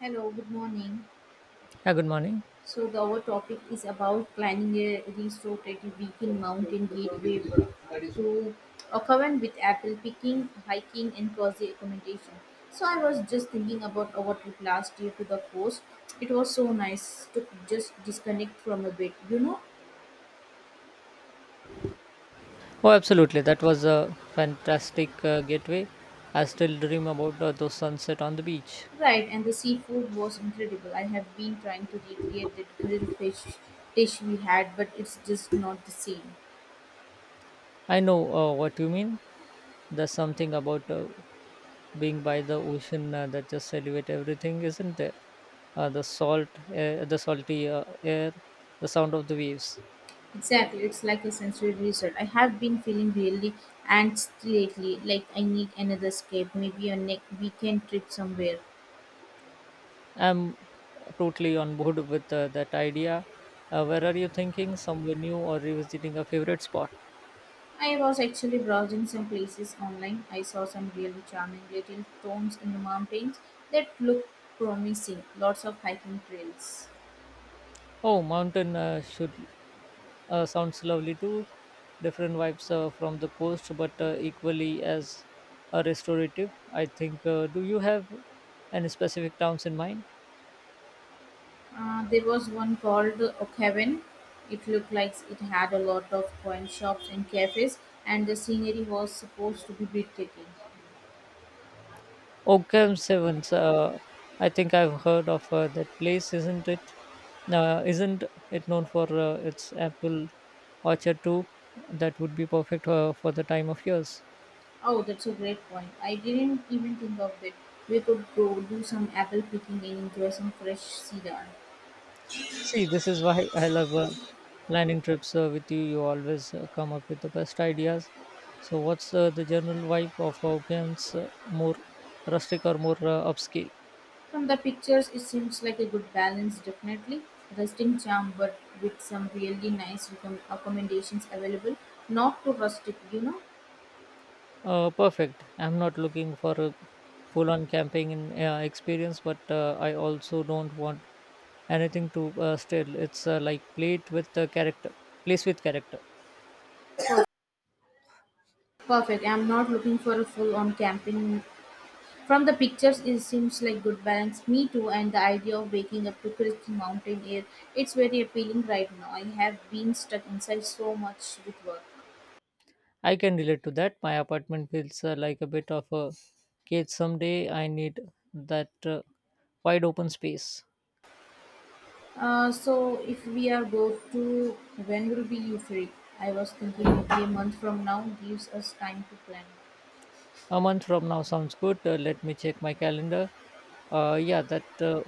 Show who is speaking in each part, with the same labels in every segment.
Speaker 1: Hello, good morning.
Speaker 2: Yeah, good morning.
Speaker 1: So, our topic is about planning a restorative weekend mountain gateway to Okavan with apple picking, hiking, and cozy accommodation. So, I was just thinking about our trip last year to the coast. It was so nice to just disconnect from a bit, you know?
Speaker 2: Oh, absolutely. That was a fantastic getaway. I still dream about those sunset on the beach.
Speaker 1: Right, and the seafood was incredible. I have been trying to recreate that grilled fish dish we had, but it's just not the same.
Speaker 2: I know what you mean. There's something about being by the ocean that just elevates everything, isn't there? The salty air, the sound of the waves.
Speaker 1: Exactly, it's like a sensory reset. I have been feeling really anxious lately, like I need another escape, maybe a weekend trip somewhere.
Speaker 2: I'm totally on board with that idea. Where are you thinking? Somewhere new or revisiting a favorite spot?
Speaker 1: I was actually browsing some places online. I saw some really charming little towns in the mountains that look promising. Lots of hiking trails.
Speaker 2: Oh, mountain should sounds lovely too. Different vibes from the coast, but equally as restorative, I think. Do you have any specific towns in mind?
Speaker 1: There was one called Oakhaven. It looked like it had a lot of wine shops and cafes, and the scenery was supposed to be breathtaking.
Speaker 2: Oakham Sevens. I think I've heard of that place. Isn't it known for its apple orchard too? That would be perfect for the time of years.
Speaker 1: Oh, that's a great point. I didn't even think of it. We could go do some apple picking and enjoy some fresh cedar.
Speaker 2: See, this is why I love planning trips with you. You always come up with the best ideas. So, what's the general vibe of Hawkins? More rustic or more upscale?
Speaker 1: From the pictures, it seems like a good balance, definitely. Rusting charm, but with some really nice recomm accommodations available. Not too rustic, you know?
Speaker 2: Perfect. I'm not looking for a full on camping in, experience, but I also don't want anything to stale. It's like plate with the character, place with character.
Speaker 1: Perfect. I'm not looking for a full on camping. From the pictures, it seems like good balance. Me too, and the idea of waking up to crisp mountain air, it's very appealing right now. I have been stuck inside so much with work.
Speaker 2: I can relate to that. My apartment feels like a bit of a cage. Someday I need that wide open space.
Speaker 1: So if we are go to when will be you free? I was thinking maybe a month from now gives us time to plan.
Speaker 2: A month from now sounds good. Let me check my calendar. Yeah, that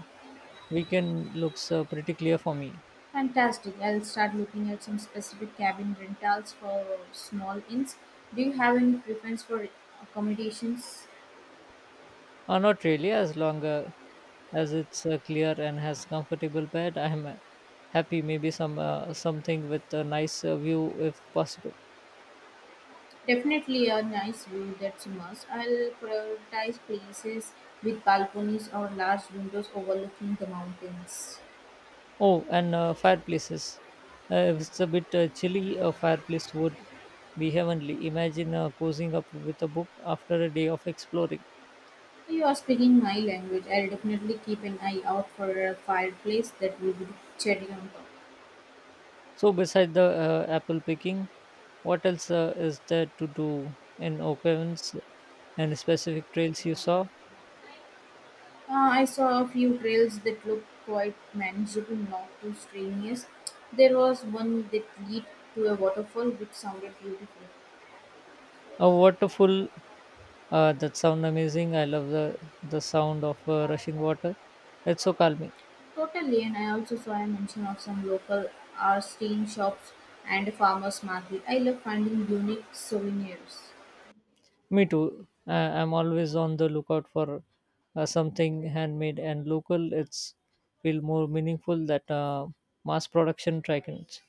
Speaker 2: weekend looks pretty clear for me.
Speaker 1: Fantastic. I'll start looking at some specific cabin rentals for small inns. Do you have any preference for accommodations?
Speaker 2: Not really, as long as it's clear and has comfortable bed. I'm happy. Maybe some something with a nice view if possible.
Speaker 1: Definitely a nice view, that's a must. I'll prioritize places with balconies or large windows overlooking the mountains.
Speaker 2: Oh, and fireplaces. If it's a bit chilly, a fireplace would be heavenly. Imagine cozying up with a book after a day of exploring.
Speaker 1: You are speaking my language. I'll definitely keep an eye out for a fireplace that will be cherry on top.
Speaker 2: So, beside the apple picking, what else is there to do in Oak Evans and specific trails you saw?
Speaker 1: I saw a few trails that looked quite manageable, not too strenuous. There was one that lead to a waterfall which sounded beautiful.
Speaker 2: A waterfall that sound amazing. I love the sound of rushing water. It's so calming.
Speaker 1: Totally, and I also saw a mention of some local art steam shops and a farmer's market. I love finding unique souvenirs.
Speaker 2: Me too. I'm always on the lookout for something handmade and local. It's feel more meaningful that mass production trackings.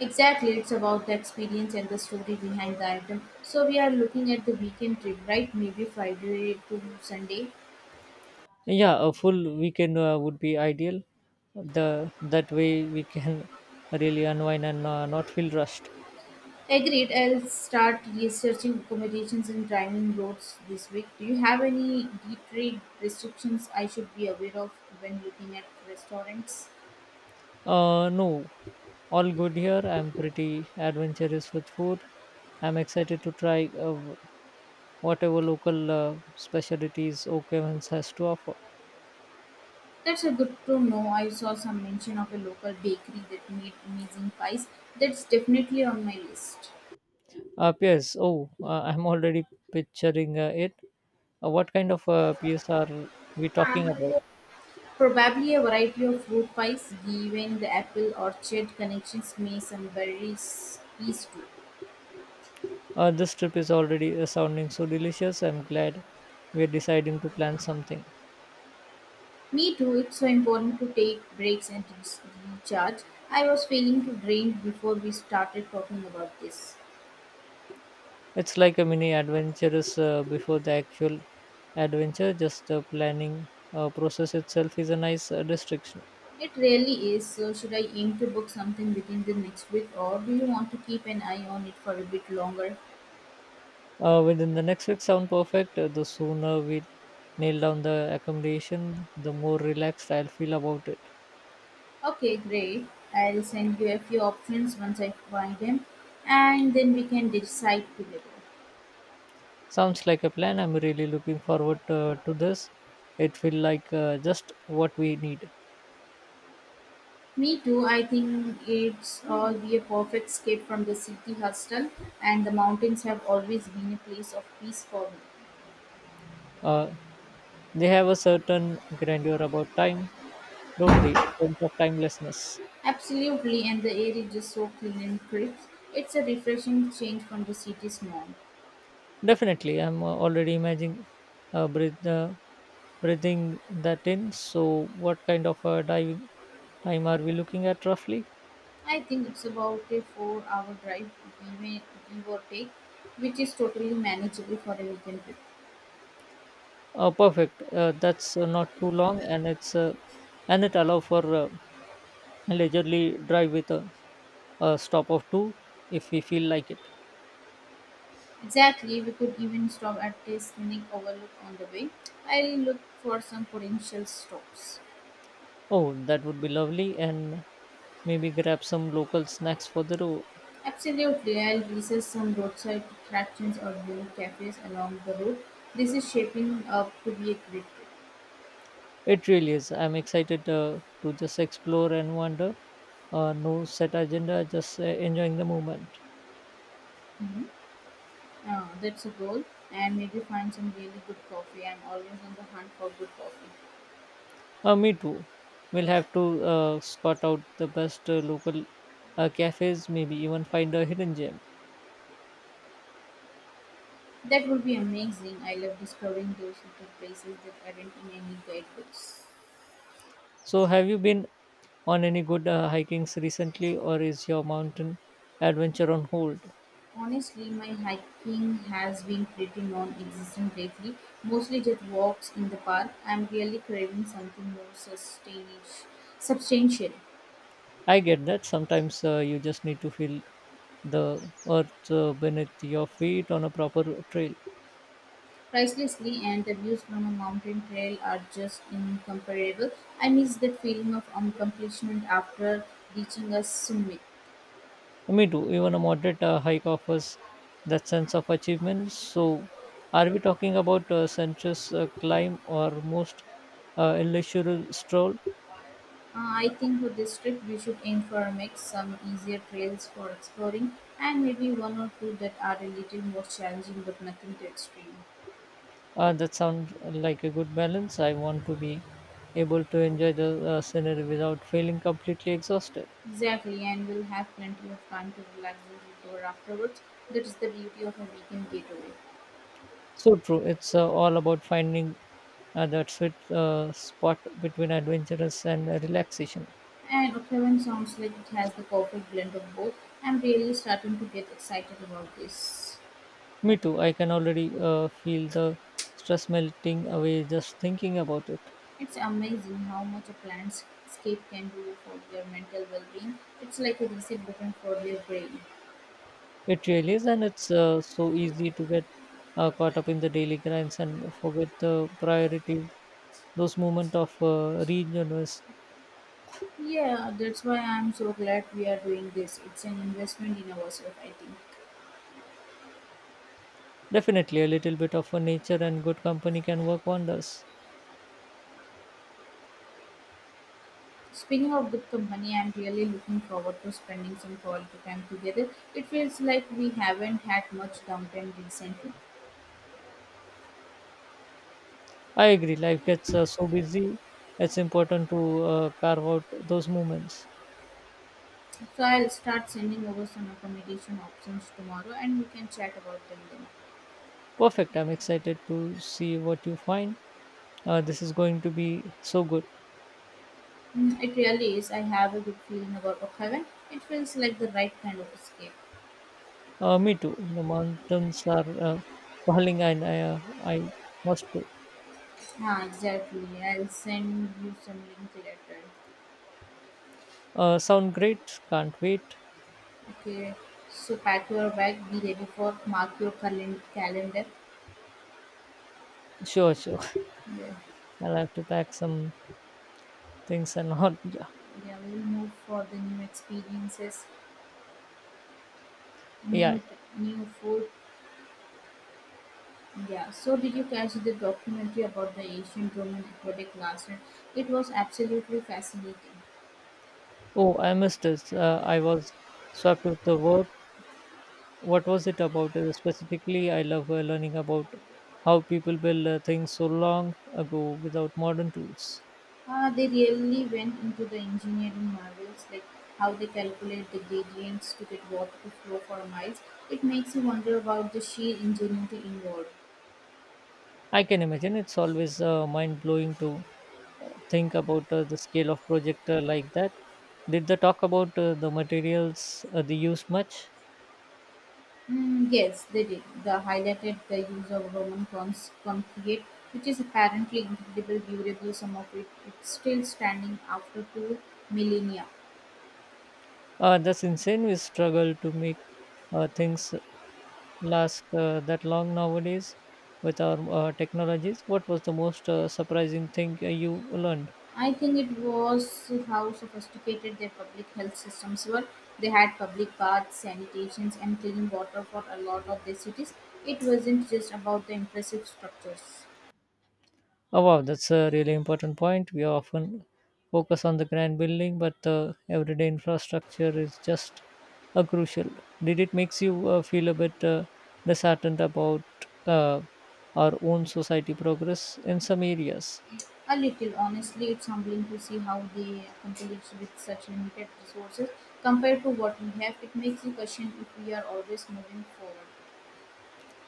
Speaker 1: Exactly, it's about the experience and the story behind the item. So we are looking at the weekend trip, right? Maybe Friday to Sunday.
Speaker 2: Yeah, a full weekend would be ideal. The that way we can really unwind and not feel rushed.
Speaker 1: Agreed. I'll start researching accommodations and driving roads this week. Do you have any deep trade restrictions I should be aware of when looking at restaurants?
Speaker 2: No, all good here. I'm pretty adventurous with food. I'm excited to try whatever local specialties Oaklands has to offer.
Speaker 1: That's a good to know. I saw some mention of a local bakery that made amazing pies. That's definitely on my list.
Speaker 2: PS. Oh, I'm already picturing it. What kind of PS are we talking about?
Speaker 1: Probably a variety of fruit pies, given the apple orchard connections may some berries peas too.
Speaker 2: This trip is already sounding so delicious. I'm glad we're deciding to plan something.
Speaker 1: Me too, it's so important to take breaks and recharge. I was feeling too drained before we started talking about this.
Speaker 2: It's like a mini adventurous before the actual adventure. Just the planning process itself is a nice restriction.
Speaker 1: It really is, so should I aim to book something within the next week or do you want to keep an eye on it for a bit longer?
Speaker 2: Within the next week, sound perfect. The sooner we nail down the accommodation, the more relaxed I'll feel about it.
Speaker 1: Okay, great. I'll send you a few options once I find them and then we can decide together.
Speaker 2: Sounds like a plan. I'm really looking forward to this. It feels like just what we need.
Speaker 1: Me too. I think it's all be a perfect escape from the city hustle, and the mountains have always been a place of peace for me.
Speaker 2: Uh, they have a certain grandeur about time, don't they? A sense of timelessness.
Speaker 1: Absolutely, and the air is just so clean and crisp. It's a refreshing change from the city's norm.
Speaker 2: Definitely. I'm already imagining uh, breath, uh, breathing that in. So, what kind of diving time are we looking at roughly?
Speaker 1: I think it's about a 4-hour drive, give and- give or take, which is totally manageable for a weekend trip.
Speaker 2: Perfect. That's not too long, and it allow for leisurely drive with a stop of two if we feel like it.
Speaker 1: Exactly, we could even stop at a scenic overlook on the way. I'll look for some potential stops.
Speaker 2: Oh, that would be lovely, and maybe grab some local snacks for the road.
Speaker 1: Absolutely, I'll research some roadside attractions or unique cafes along the route. This is shaping up to be a great trip.
Speaker 2: It really is. I'm excited to just explore and wander. No set agenda, just enjoying the moment.
Speaker 1: Hmm. That's a goal, and maybe find some really good coffee. I'm always on the hunt for good coffee.
Speaker 2: Me too. We'll have to scout out the best local cafes, maybe even find a hidden gem.
Speaker 1: That would be amazing. I love discovering those little places that aren't in any guidebooks.
Speaker 2: So, have you been on any good hikings recently, or is your mountain adventure on hold?
Speaker 1: Honestly, my hiking has been pretty non-existent lately. Mostly just walks in the park. I'm really craving something more substantial.
Speaker 2: I get that sometimes you just need to feel the earth beneath your feet on a proper trail.
Speaker 1: Pricelessly, and the views from a mountain trail are just incomparable. I miss that feeling of accomplishment after reaching a summit.
Speaker 2: Me too. Even a moderate hike offers that sense of achievement. So, are we talking about a sensuous climb or most leisurely stroll?
Speaker 1: I think for this trip we should aim for a mix, some easier trails for exploring, and maybe one or two that are a little more challenging but nothing too extreme.
Speaker 2: That sounds like a good balance. I want to be able to enjoy the scenery without feeling completely exhausted.
Speaker 1: Exactly, and we'll have plenty of time to relax and recover afterwards. That is the beauty of a weekend getaway.
Speaker 2: So true. It's all about finding that sweet spot between adventurous and relaxation.
Speaker 1: And Octavian sounds like it has the perfect blend of both. I'm really starting to get excited about this.
Speaker 2: Me too. I can already feel the stress melting away just thinking about it.
Speaker 1: It's amazing how much a landscape can do for their mental well being. It's like a reset button for their brain.
Speaker 2: It really is, and it's so easy to get caught up in the daily grinds and forget the priorities. Those moments of regeneration.
Speaker 1: Yeah, that's why I'm so glad we are doing this. It's an investment in ourselves, I think.
Speaker 2: Definitely, a little bit of a nature and good company can work wonders.
Speaker 1: Speaking of good company, I'm really looking forward to spending some quality time together. It feels like we haven't had much downtime recently.
Speaker 2: I agree. Life gets so busy. It's important to carve out those moments.
Speaker 1: So I'll start sending over some accommodation options tomorrow and we can chat about them then.
Speaker 2: Perfect. I'm excited to see what you find. This is going to be so good.
Speaker 1: Mm, it really is. I have a good feeling about Oakhaven. It feels like the right kind of escape.
Speaker 2: Me too. The mountains are calling, and I must go.
Speaker 1: Ah, exactly. I'll send you some link later.
Speaker 2: Sound great. Can't wait.
Speaker 1: Okay. So pack your bag, be ready for mark your calendar.
Speaker 2: Sure, sure.
Speaker 1: Yeah.
Speaker 2: I'll have to pack some things and all. Yeah,
Speaker 1: Yeah, we'll move for the new experiences,
Speaker 2: yeah,
Speaker 1: new
Speaker 2: yeah.
Speaker 1: new food, yeah, so did you catch the documentary about the ancient Roman aqueduct last night? It was absolutely fascinating.
Speaker 2: Oh, I missed this. I was swept with the work. What was it about specifically? I love learning about how people build things so long ago without modern tools.
Speaker 1: They really went into the engineering marvels, like how they calculate the gradients to get water to flow for miles. It makes you wonder about the sheer ingenuity involved.
Speaker 2: I can imagine it's always mind blowing to think about the scale of project like that. Did they talk about the materials they used much?
Speaker 1: Mm, yes, they did. They highlighted the use of Roman concrete, which is apparently incredible, durable. Some of it it's still standing after 2 millennia.
Speaker 2: That's insane. We struggle to make things last that long nowadays with our technologies. What was the most surprising thing you learned?
Speaker 1: I think it was how sophisticated their public health systems were. They had public baths, sanitations, and clean water for a lot of their cities. It wasn't just about the impressive structures.
Speaker 2: Oh, wow, that's a really important point. We often focus on the grand building, but the everyday infrastructure is just a crucial. Did it makes you feel a bit disheartened about uh, our own society progress in some areas?
Speaker 1: A little, honestly, it's humbling to see how they accomplished with such limited resources compared to what we have. It makes you question if we are always moving forward.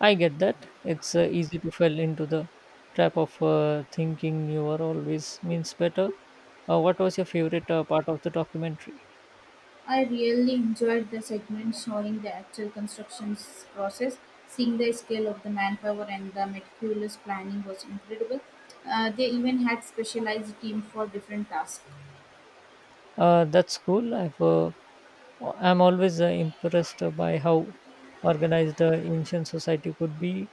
Speaker 2: I get that. It's easy to fall into the trap of thinking newer always means better. What was your favorite part of the documentary?
Speaker 1: I really enjoyed the segment showing the actual construction process. Seeing the scale of the manpower and the meticulous planning was incredible. They even had specialized team for different tasks.
Speaker 2: That's cool. I'm always impressed by how organized ancient society could be.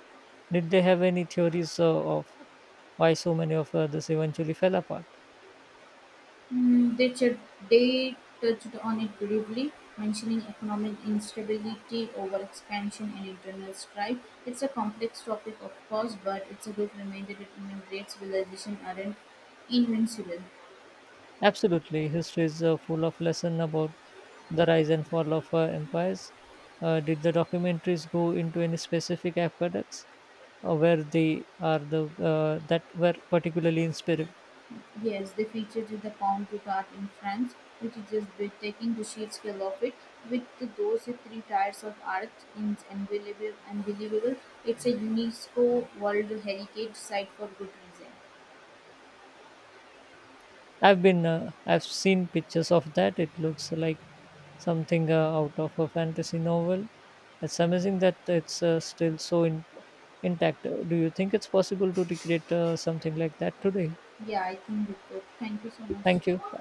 Speaker 2: Did they have any theories of why so many of this eventually fell apart?
Speaker 1: Mm, they touched on it briefly, mentioning economic instability over expansion and internal strife. It's a complex topic, of course, but it's a good reminder that even great civilizations aren't invincible.
Speaker 2: Absolutely. History is full of lesson about the rise and fall of empires. Did the documentaries go into any specific aqueducts where they are the that were particularly inspiring?
Speaker 1: Yes, they featured in the Pont du Gard in France, which is just breathtaking the sheer scale of it. With those three tiers of art, it's unbelievable. It's a UNESCO World Heritage Site for good reason.
Speaker 2: I've seen pictures of that. It looks like something out of a fantasy novel. It's amazing that it's still so intact. Do you think it's possible to recreate something like that today?
Speaker 1: Yeah, I think we could. Thank you so
Speaker 2: Thank you.
Speaker 1: much.